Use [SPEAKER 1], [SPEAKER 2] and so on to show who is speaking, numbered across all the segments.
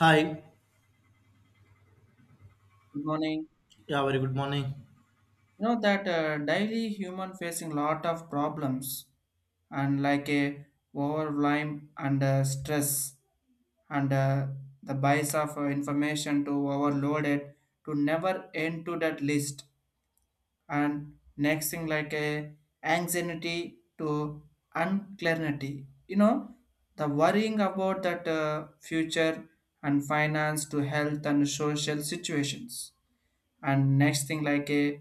[SPEAKER 1] Hi.
[SPEAKER 2] Good morning.
[SPEAKER 1] Yeah, very good morning.
[SPEAKER 2] You know that daily human facing lot of problems and like a overwhelm and stress and the bias of information to overloaded to never end to that list, and next thing like a anxiety to unclarity. You know the worrying about that future and finance to health and social situations, and next thing like a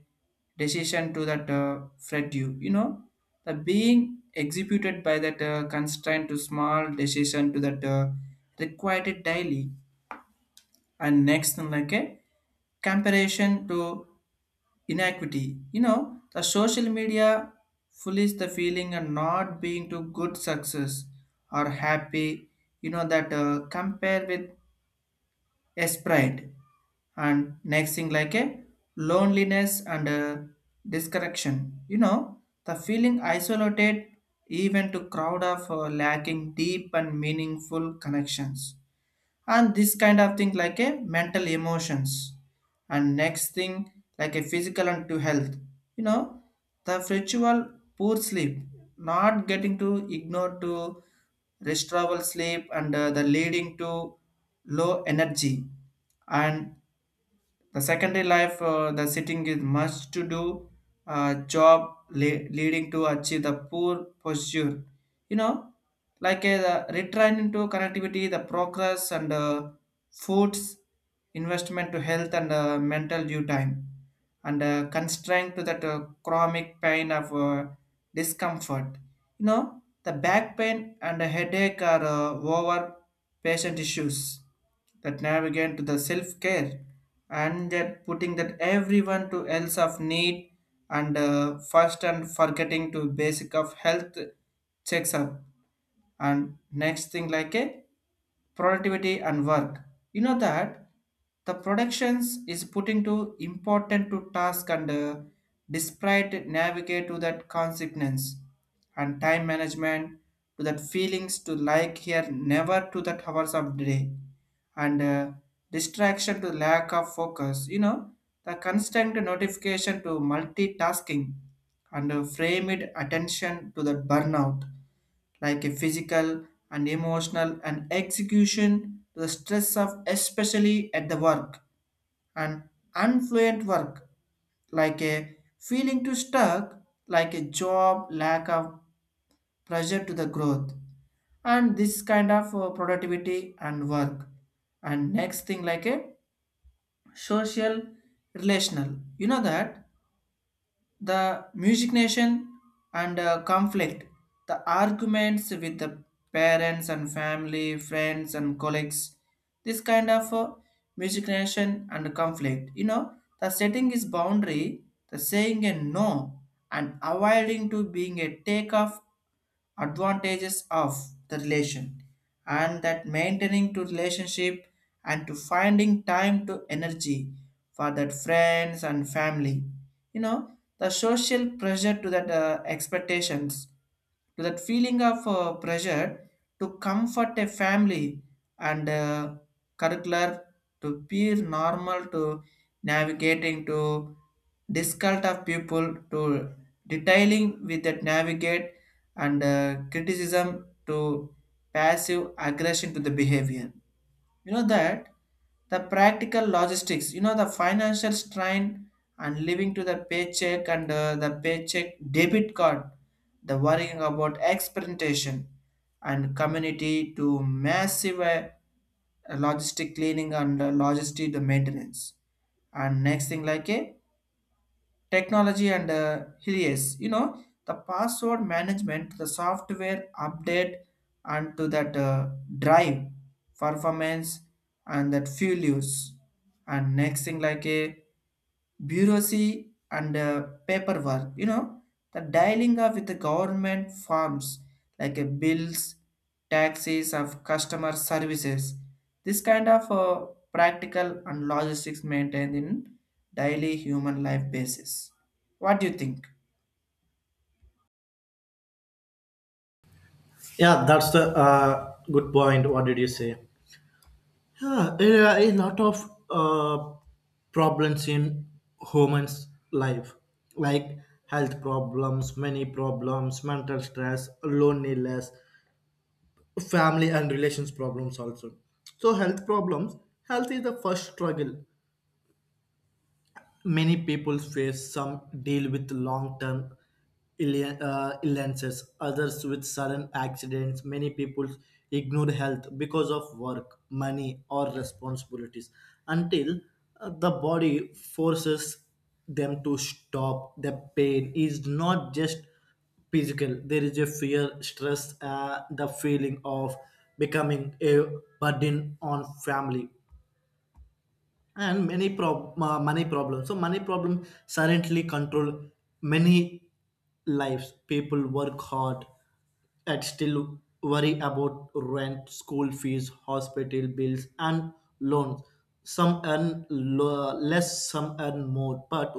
[SPEAKER 2] decision to that fret you know the being executed by that constraint to small decision to that required it daily, and next thing like a comparison to inequity. You know the social media fullies the feeling and not being to good success or happy. You know that compare with a sprite, and next thing like a loneliness and disconnection. You know the feeling isolated even to crowd of lacking deep and meaningful connections, and this kind of thing like a mental emotions, and next thing like a physical and to health. You know the ritual poor sleep, not getting to ignore to restful sleep, and the leading to low energy, and the secondary life, the sitting is much to do job leading to achieve the poor posture. You know, like the return into connectivity, the progress and foods, investment to health and mental due time, and constraint to that chronic pain of discomfort. You know, the back pain and the headache are over patient issues that navigate to the self-care, and that putting that everyone to else of need and first and forgetting to basic of health checks up, and next thing like a productivity and work. You know that the productions is putting to important to task and despite navigate to that consequence, and time management to that feelings to like here never to that hours of day, and distraction to lack of focus. You know the constant notification to multitasking and frame it attention to the burnout, like a physical and emotional and execution to the stress of especially at the work, and unfluent work like a feeling to stuck, like a job lack of pressure to the growth, and this kind of productivity and work, and next thing like a social relational. You know that the music nation and conflict, the arguments with the parents and family friends and colleagues, this kind of music nation and conflict. You know the setting is boundary, the saying a no and avoiding to being a takeoff advantages of the relation, and that maintaining to relationship and to finding time to energy for that friends and family. You know the social pressure to that expectations to that feeling of pressure to comfort a family and curricular to peer normal to navigating to difficult of people to detailing with that navigate and criticism to passive aggression to the behavior. You know that the practical logistics. You know the financial strain and living to the paycheck and the paycheck debit card, the worrying about experimentation and community to massive logistic cleaning and logistic the maintenance, and next thing like a technology and yes. You know the password management, the software update and to that drive performance and that fuel use, and next thing like a bureaucracy and paperwork. You know the dialing up with the government forms, like bills, taxes of customer services, this kind of practical and logistics maintained in daily human life basis. What do you think?
[SPEAKER 1] Yeah, that's the good point. What did you say? Yeah, there are a lot of problems in humans' life, like health problems, many problems, mental stress, loneliness, family and relations problems also. So health problems, health is the first struggle many people face some deal with long-term illnesses others with sudden accidents many people ignore health because of work money or responsibilities until the body forces them to stop the pain is not just physical there is a fear stress the feeling of becoming a burden on family and money problems so money problem silently control many lives people work hard and still worry about rent school fees hospital bills and loans less some earn more but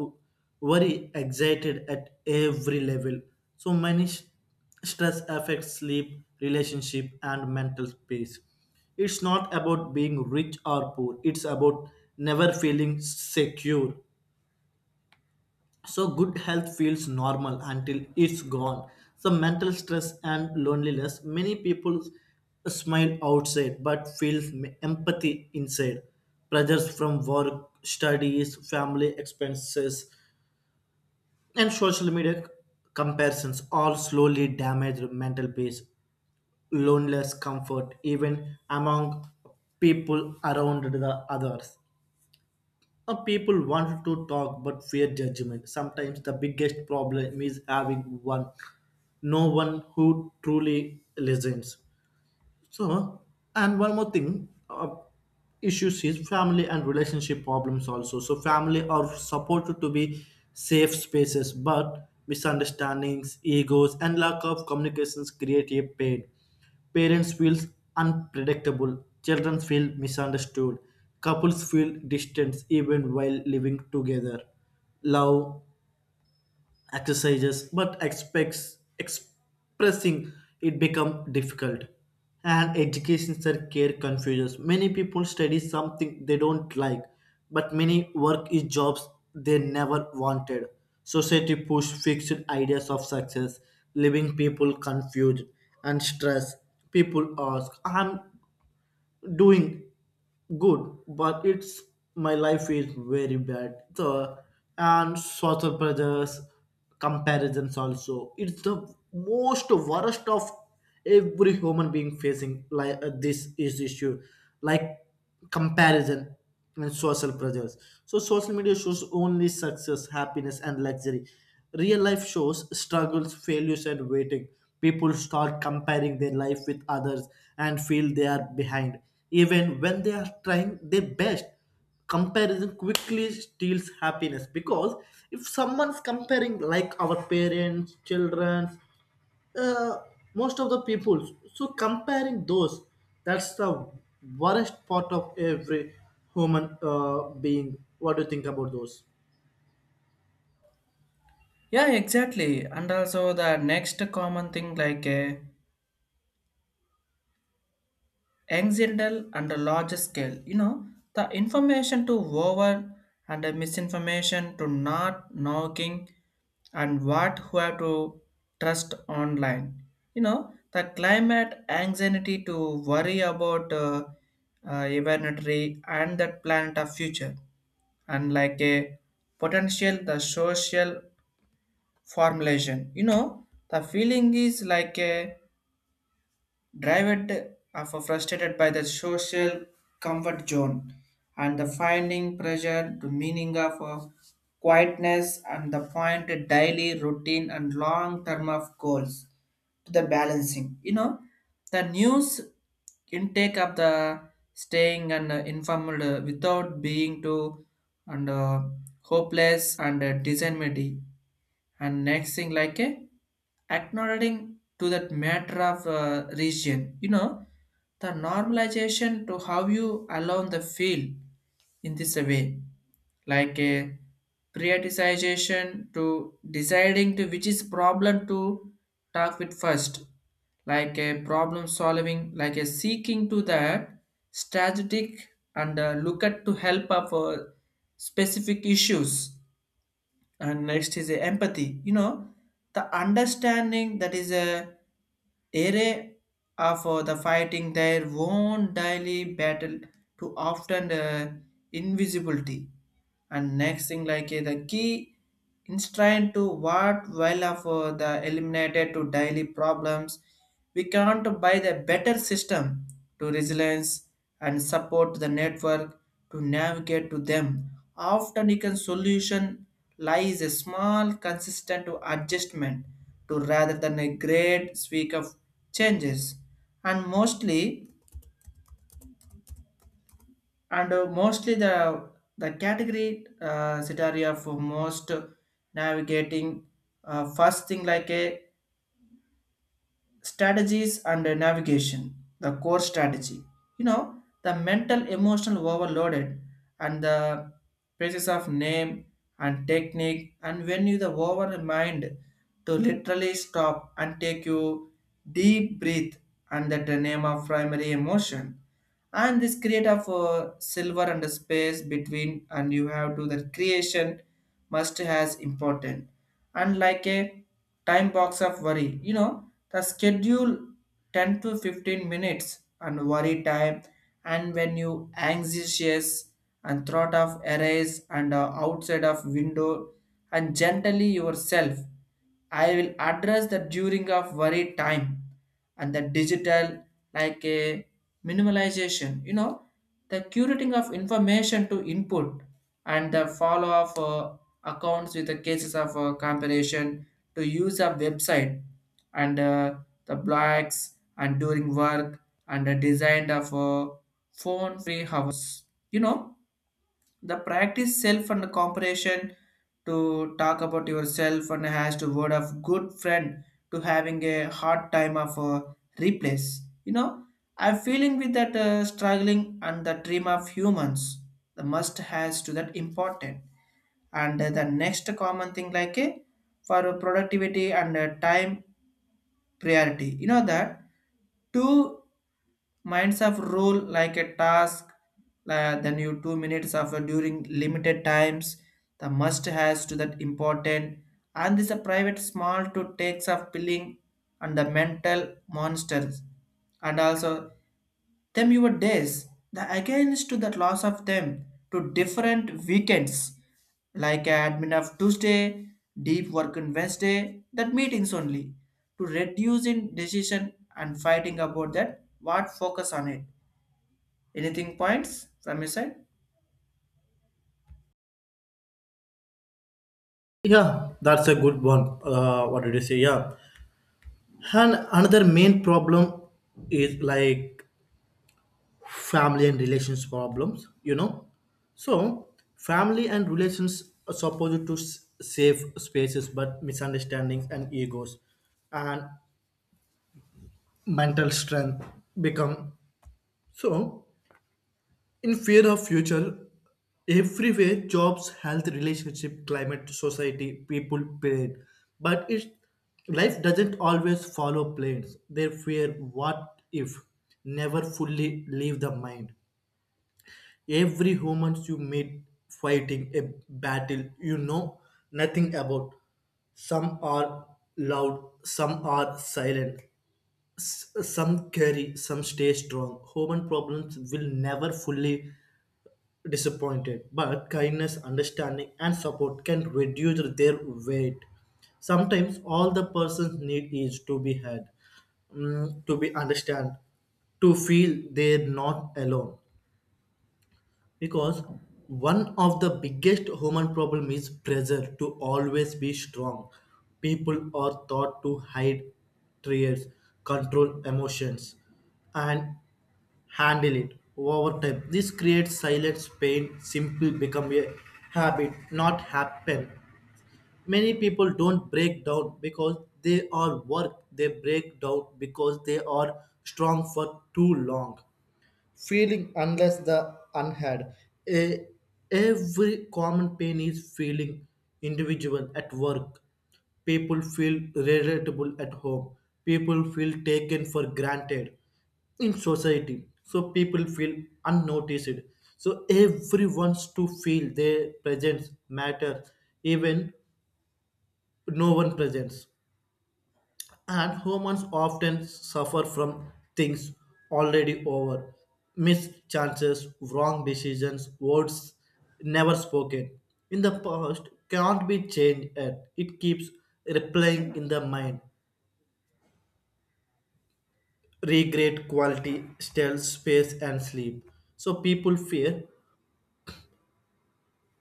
[SPEAKER 1] worry excited at every level so many sh- stress affects sleep relationship and mental peace. It's not about being rich or poor, it's about never feeling secure. So, good health feels normal until it's gone. So, mental stress and loneliness, many people smile outside but feel empathy inside. Pressures from work, studies, family expenses, and social media comparisons all slowly damage the mental peace, loneliness, comfort, even among people around the others. People want to talk but fear judgment. Sometimes the biggest problem is having one, no one who truly listens. So, and one more thing, issues is family and relationship problems also. So, family are supported to be safe spaces, but misunderstandings, egos, and lack of communications create a pain. Parents feel unpredictable, children feel misunderstood, couples feel distance even while living together. Love exercises but expects expressing it become difficult. And education care confuses many people, study something they don't like but many work is jobs they never wanted. Society push fixed ideas of success leaving people confused and stressed. People ask, I'm doing good, but it's my life is very bad. So and social pressures, comparisons also. It's the most worst of every human being facing like this is issue, like comparison and social pressures. So social media shows only success, happiness, and luxury. Real life shows struggles, failures, and waiting. People start comparing their life with others and feel they are behind, even when they are trying their best. Comparison quickly steals happiness because if someone's comparing, like our parents, children, uh, most of the people. So comparing those, that's the worst part of every human being. What do you think about those?
[SPEAKER 2] Yeah, exactly, and also the next common thing like a anxiety and a larger scale. You know, the information to over and the misinformation to not knocking and what who have to trust online. You know, the climate anxiety to worry about evolutionary and that planet of future, and like a potential the social formulation. You know, the feeling is like a driven of frustrated by the social comfort zone and the finding pressure to meaning of quietness and the point to daily routine and long term of goals to the balancing. You know, the news intake of the staying and informed without being too and hopeless and disanimity, and next thing like a acknowledging to that matter of region. You know the normalization to how you allow the feel in this way, like a prioritization to deciding to which is problem to talk with first, like a problem solving, like a seeking to that strategic and look at to help up for specific issues, and next is a empathy. You know the understanding that is a area of the fighting their own daily battle to often invisibility, and next thing like the key instrain to what while of the eliminated to daily problems. We can't buy the better system to resilience and support the network to navigate to them. Often you can solution lies a small consistent to adjustment to rather than a great streak of changes, and mostly the category scenario for most navigating, first thing like a strategies and navigation, the core strategy. You know the mental emotional overloaded and the basis of name and technique, and when you the over mind to literally stop and take you deep breath under the name of primary emotion, and this create of a silver and a space between, and you have to the creation must has important, and like a time box of worry. You know the schedule 10 to 15 minutes and worry time, and when you anxious and thought of arrays and outside of window and gently yourself, I will address the during of worry time, and the digital like a minimalization. You know the curating of information to input and the follow of accounts with the cases of comparison to use a website and the blacks and during work, and the design of phone free hours. You know the practice self and comparison to talk about yourself and has to word of good friend to having a hard time of replace. You know I'm feeling with that struggling and the dream of humans, the must has to that important, and the next common thing like a for productivity and time priority. You know that two minds of rule like a task, then you 2 minutes of during limited times, the must has to that important, and this a private small to takes of billing and the mental monsters, and also them your days, the against to that loss of them to different weekends, like admin of Tuesday, deep work on Wednesday, that meetings only, to reduce in decision and fighting about that what focus on it. Anything points from your side?
[SPEAKER 1] Yeah, that's a good one. What did you say? Yeah, and another main problem is like family and relations problems. You know, so family and relations are supposed to save spaces, but misunderstandings and egos and mental strength become so. In fear of future, everywhere jobs, health, relationship, climate, society, people pain. But it's, life doesn't always follow plans. They fear what if never fully leave the mind. Every humans you meet fighting a battle you know nothing about. Some are loud, some are silent. Some carry, some stay strong. Human problems will never fully disappointed, but kindness, understanding, and support can reduce their weight. Sometimes all the person need is to be heard, mm, to be understand, to feel they're not alone. Because one of the biggest human problem is pressure to always be strong. People are taught to hide tears, control emotions, and handle it over time. This creates silence, pain, simply become a habit, not happen. Many people don't break down because they are work. They break down because they are strong for too long, feeling unless the unhad. A, every common pain is feeling individual at work. People feel relatable at home. People feel taken for granted in society. So people feel unnoticed. So everyone wants to feel their presence matter, even no one presents. And humans often suffer from things already over, missed chances, wrong decisions, words never spoken. In the past can't be changed, yet it keeps replaying in the mind. Regret quality still space and sleep. So people fear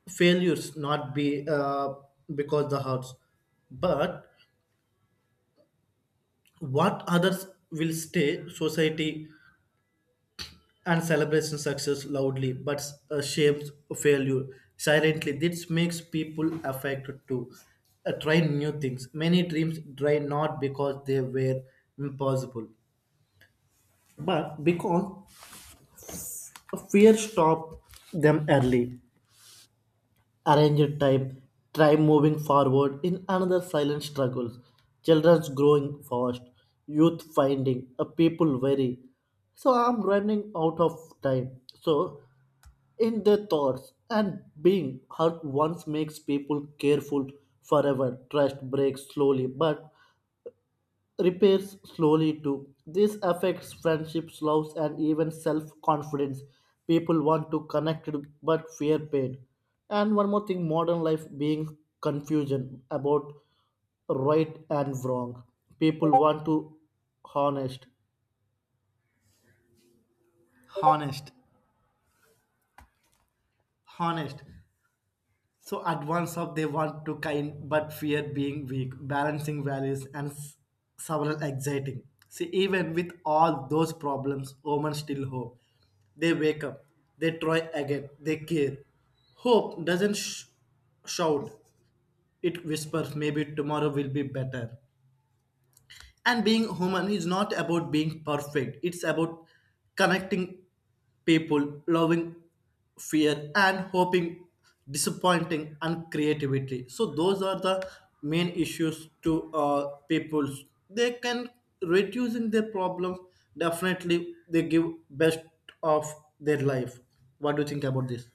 [SPEAKER 1] failures, not be because the hurts, but what others will stay society. And celebration success loudly but shames failure silently. This makes people affected to try new things. Many dreams try not because they were impossible, but because fear stopped them early. Arranged time, try moving forward in another silent struggles. Children's growing fast, youth finding a people very. So I'm running out of time. So in their thoughts, and being hurt once makes people careful forever. Trust breaks slowly but repairs slowly too. This affects friendships, loves, and even self-confidence. People want to connect but fear pain. And one more thing, modern life being confusion about right and wrong. People want to honest, honest, honest. So at once up they want to kind but fear being weak, balancing values and several exciting. See, even with all those problems, women still hope. They wake up, they try again, they care. Hope doesn't sh- shout; it whispers. Maybe tomorrow will be better. And being human is not about being perfect, it's about connecting people, loving fear, and hoping, disappointing, and creativity. So, those are the main issues to people. They can reducing their problems, definitely, they give best of their life. What do you think about this?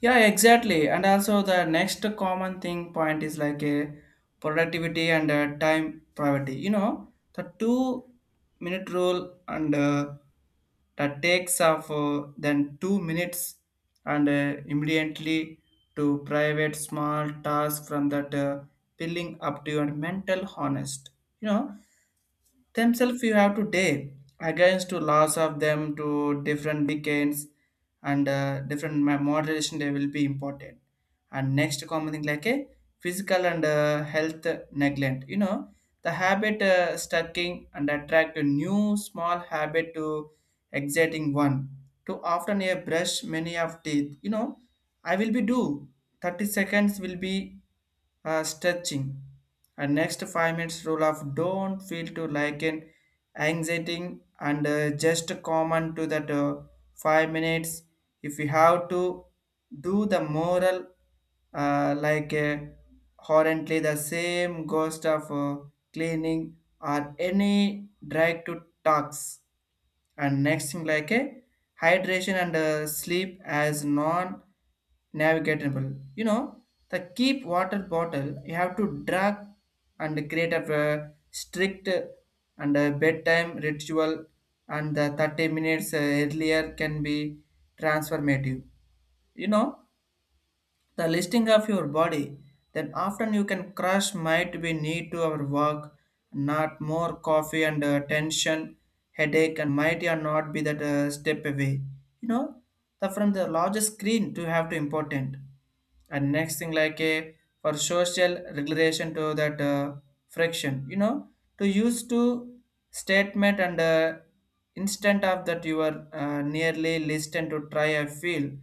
[SPEAKER 2] Yeah, exactly. And also the next common thing point is like a productivity and time priority. You know, the 2-minute rule and that takes of then 2 minutes and immediately to private small task from that filling up to your mental honest. You know, themselves you have to day against to loss of them to different decades and different moderation, they will be important, and next common thing like a physical and health neglect. You know the habit stacking and attract a new small habit to exciting one to often a brush many of teeth. You know I will be do 30 seconds will be stretching. And next 5 minutes rule of don't feel to like an anxiety and just common to that 5 minutes. If you have to do the moral like currently the same ghost of cleaning or any drag to talks, and next thing like a hydration and sleep as non navigatable. You know the keep water bottle you have to drag and create a strict and a bedtime ritual, and the 30 minutes earlier can be transformative. You know the listing of your body, then often you can crush might be need to our work, not more coffee and tension, headache and might or not be that step away. You know, the from the largest screen to have to important. And next thing like a for social regulation to that friction, you know, to use to statement and Instant of that you are nearly listened to try I feel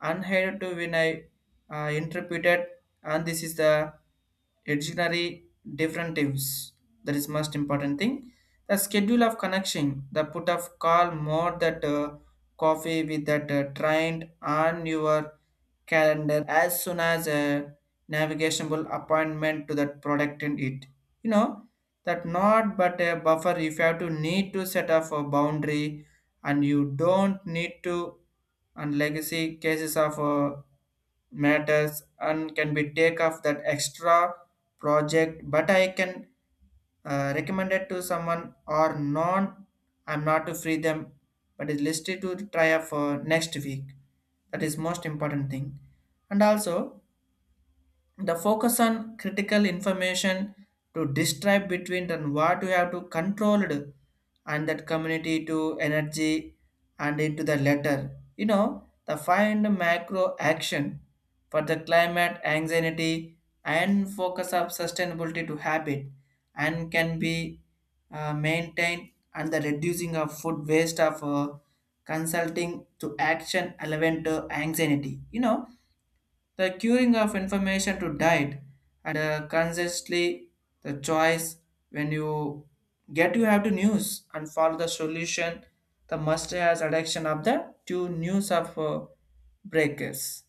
[SPEAKER 2] unheard to when I interpreted, and this is the dictionary differentives. That is most important thing. The schedule of connection, the put of call more that coffee with that trained on your calendar as soon as a navigationable appointment to that product in it. You know, that not but a buffer if you have to need to set up a boundary, and you don't need to, and legacy cases of matters and can be take off that extra project, but I can recommended to someone or non. I'm not to free them, but is listed to try up for next week. That is most important thing. And also, the focus on critical information to describe between then what you have to control it, and that community to energy and into the letter, you know the find macro action for the climate anxiety and focus of sustainability to habit, and can be maintained and the reducing of food waste of consulting to action relevant to anxiety, you know the curing of information to diet, and consciously the choice when you get you have to news and follow the solution, the must has addiction of the two news of breakers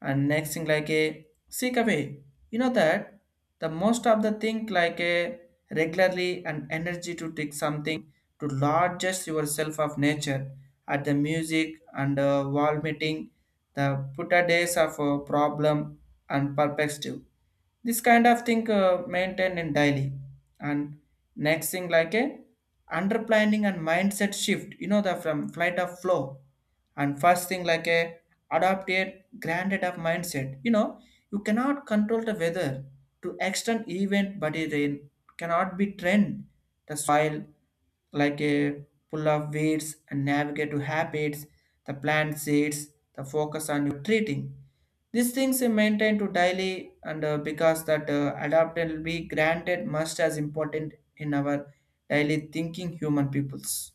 [SPEAKER 2] and next thing like a seek away. You know that the most of the thing like a regularly and energy to take something to largest yourself of nature at the music and wall meeting, the put a days of problem and perspective. This kind of thing maintained in daily, and next thing like a underplanning and mindset shift, you know the from flight of flow. And first thing like a adopt a granted of mindset. You know, you cannot control the weather to extend event but it rain, cannot be trend the soil, like a pull of weeds and navigate to habits, the plant seeds, the focus on your treating. These things are maintained to daily and because that adapt will be granted must as important in our daily thinking human peoples,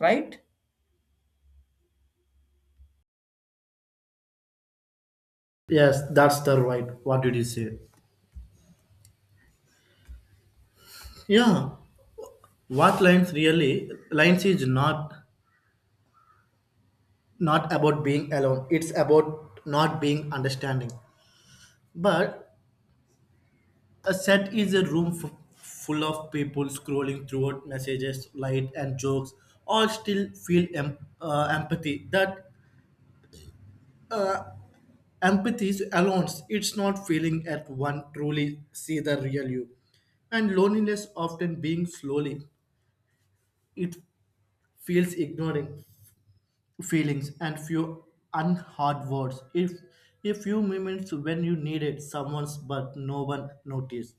[SPEAKER 2] right?
[SPEAKER 1] Yes, that's the right. What did you say? Yeah, what lines really? Lines is not not about being alone, it's about not being understanding. But a set is a room full of people scrolling throughout messages light and jokes, all still feel empathy. That empathy is alone, it's not feeling at one truly see the real you. And loneliness often being slowly, it feels ignoring feelings and few unheard words. If a few moments when you needed someone's but no one noticed.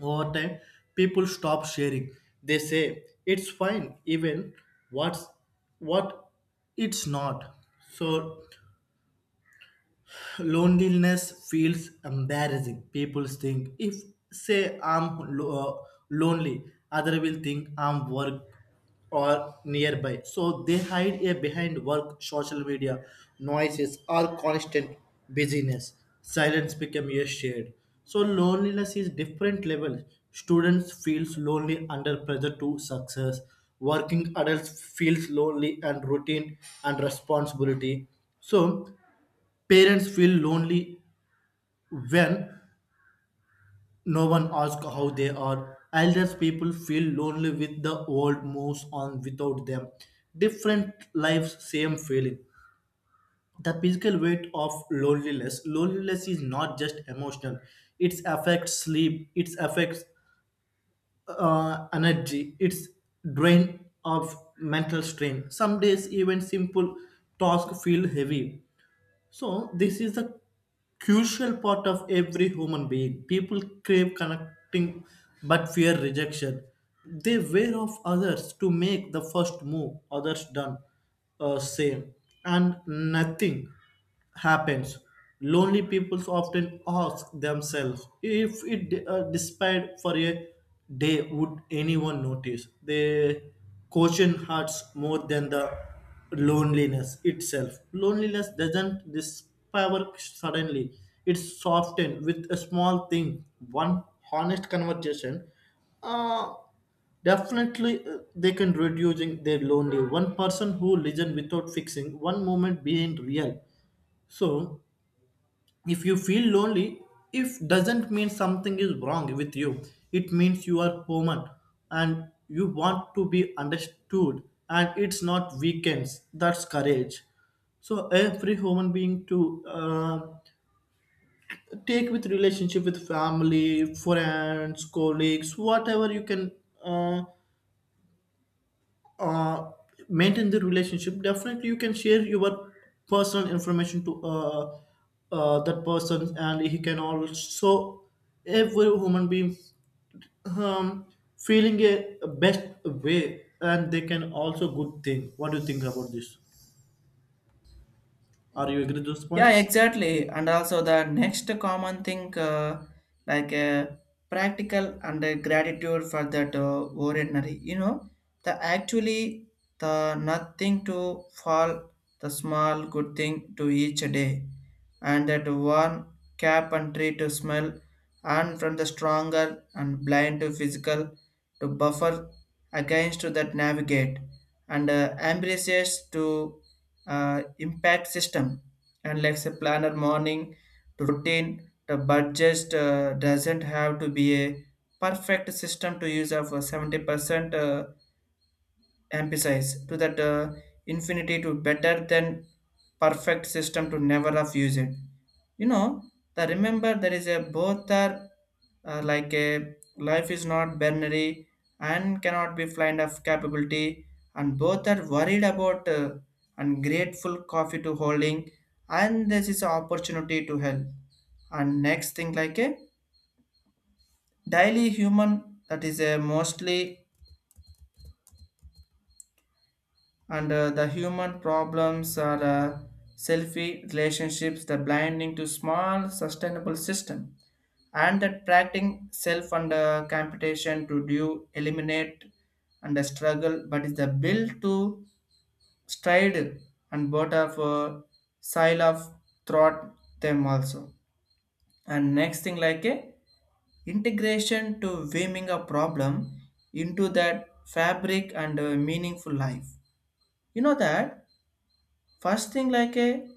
[SPEAKER 1] Over time, people stop sharing. They say it's fine, even what's what it's not. So loneliness feels embarrassing. People think if say lonely, other will think I'm work or nearby. So they hide a behind work, social media, noises, or constant busyness. Silence become a shade. So loneliness is different level. Students feels lonely under pressure to success. Working adults feels lonely and routine and responsibility. So parents feel lonely when no one asks how they are. Elders people feel lonely with the world moves on without them. Different lives, same feeling. The physical weight of loneliness. Loneliness is not just emotional. It affects sleep. It affects energy. It's drain of mental strain. Some days even simple tasks feel heavy. So, this is the crucial part of every human being. People crave connecting but fear rejection. They wear off others to make the first move, others done same, and nothing happens. Lonely people often ask themselves if it despite for a day would anyone notice. They caution hearts more than the loneliness itself. Loneliness doesn't disappear suddenly. It's softened with a small thing, one honest conversation. Uh, Definitely, they can reducing their lonely. One person who listen without fixing, one moment being real. So if you feel lonely, if doesn't mean something is wrong with you, it means you are human and you want to be understood, and it's not weakness. That's courage. So every human being to take with relationship with family, friends, colleagues, whatever you can uh, uh, maintain the relationship. Definitely you can share your personal information to that person, and he can also every human being um, feeling a best way, and they can also good thing. What do you think about this? Are you agree with those
[SPEAKER 2] Yeah,
[SPEAKER 1] points?
[SPEAKER 2] exactly. And also the next common thing, like practical and gratitude for that ordinary. You know, the actually the nothing to fall, the small good thing to each day, and that one cap and tree to smell, and from the stronger and blind to physical to buffer against that navigate, and embraces to impact system, and like a planner morning to routine. The budget doesn't have to be a perfect system to use of 70% emphasize to that infinity to better than perfect system to never have used it. You know, the remember there is a both are like a life is not binary, and cannot be blind of capability, and both are worried about and grateful coffee to holding, and this is an opportunity to help. And next thing like a daily human, that is a mostly, and the human problems are selfie relationships, the blinding to small sustainable system, and that practicing self and computation to do eliminate, and the struggle but is the build to stride, and both of sile of throat them also. And next thing like a integration to weaving a problem into that fabric and meaningful life. You know that first thing like a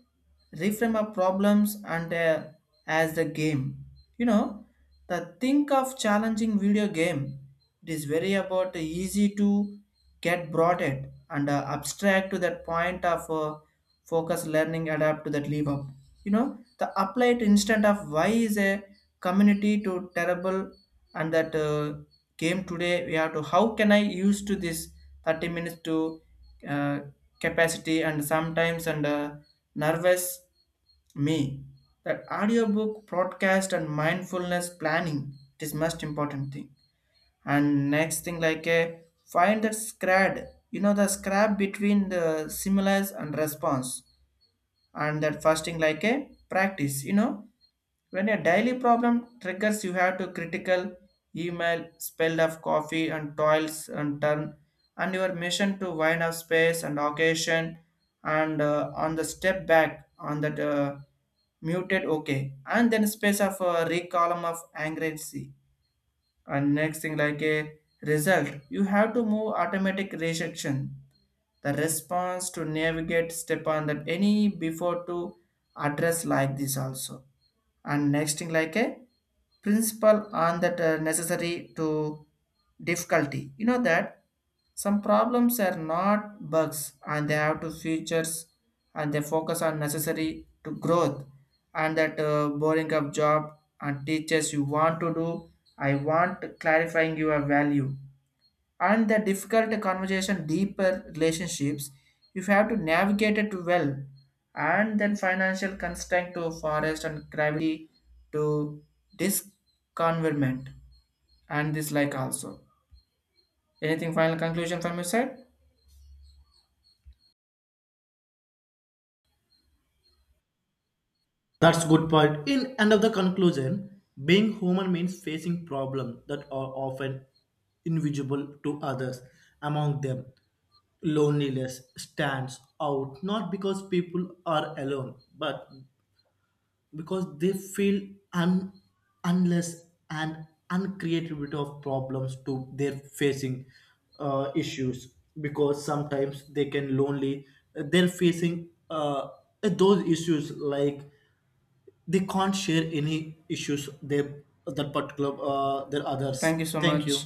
[SPEAKER 2] reframe of problems and as the game. You know, the think of challenging video game, it is very about easy to get brought it, and abstract to that point of focus learning adapt to that leave up. You know, the applied instant of why is a community to terrible, and that game today we have to how can I use to this 30 minutes to uh, capacity, and sometimes and nervous me, that audiobook broadcast and mindfulness planning, it is most important thing. And next thing like a find that scrad, you know the scrap between the stimulus and response, and that fasting like a practice. You know, when a daily problem triggers, you have to critical email spell of coffee and toils and turn, and your mission to wind up space and occasion, and on the step back on that muted okay, and then space of column of anxiety. And next thing like a result, you have to move automatic rejection, the response to navigate step on that any before to address like this also. And next thing like a principle on that necessary to difficulty. You know that some problems are not bugs, and they have to features, and they focus on necessary to growth, and that boring up job and teachers you want to do. I want clarifying your value, and the difficult conversation deeper relationships, you have to navigate it well, and then financial constraint to forest and gravity to disconverment, and this like also. Anything final conclusion from your side?
[SPEAKER 1] That's good point. In end of the conclusion, being human means facing problems that are often invisible to others. Among them, loneliness stands out not because people are alone, but because they feel unless and uncreativity of problems to their facing issues. Because sometimes they can lonely, they're facing those issues like they can't share any issues they that particular their others.
[SPEAKER 2] Thank you so
[SPEAKER 1] Thank
[SPEAKER 2] much.
[SPEAKER 1] you.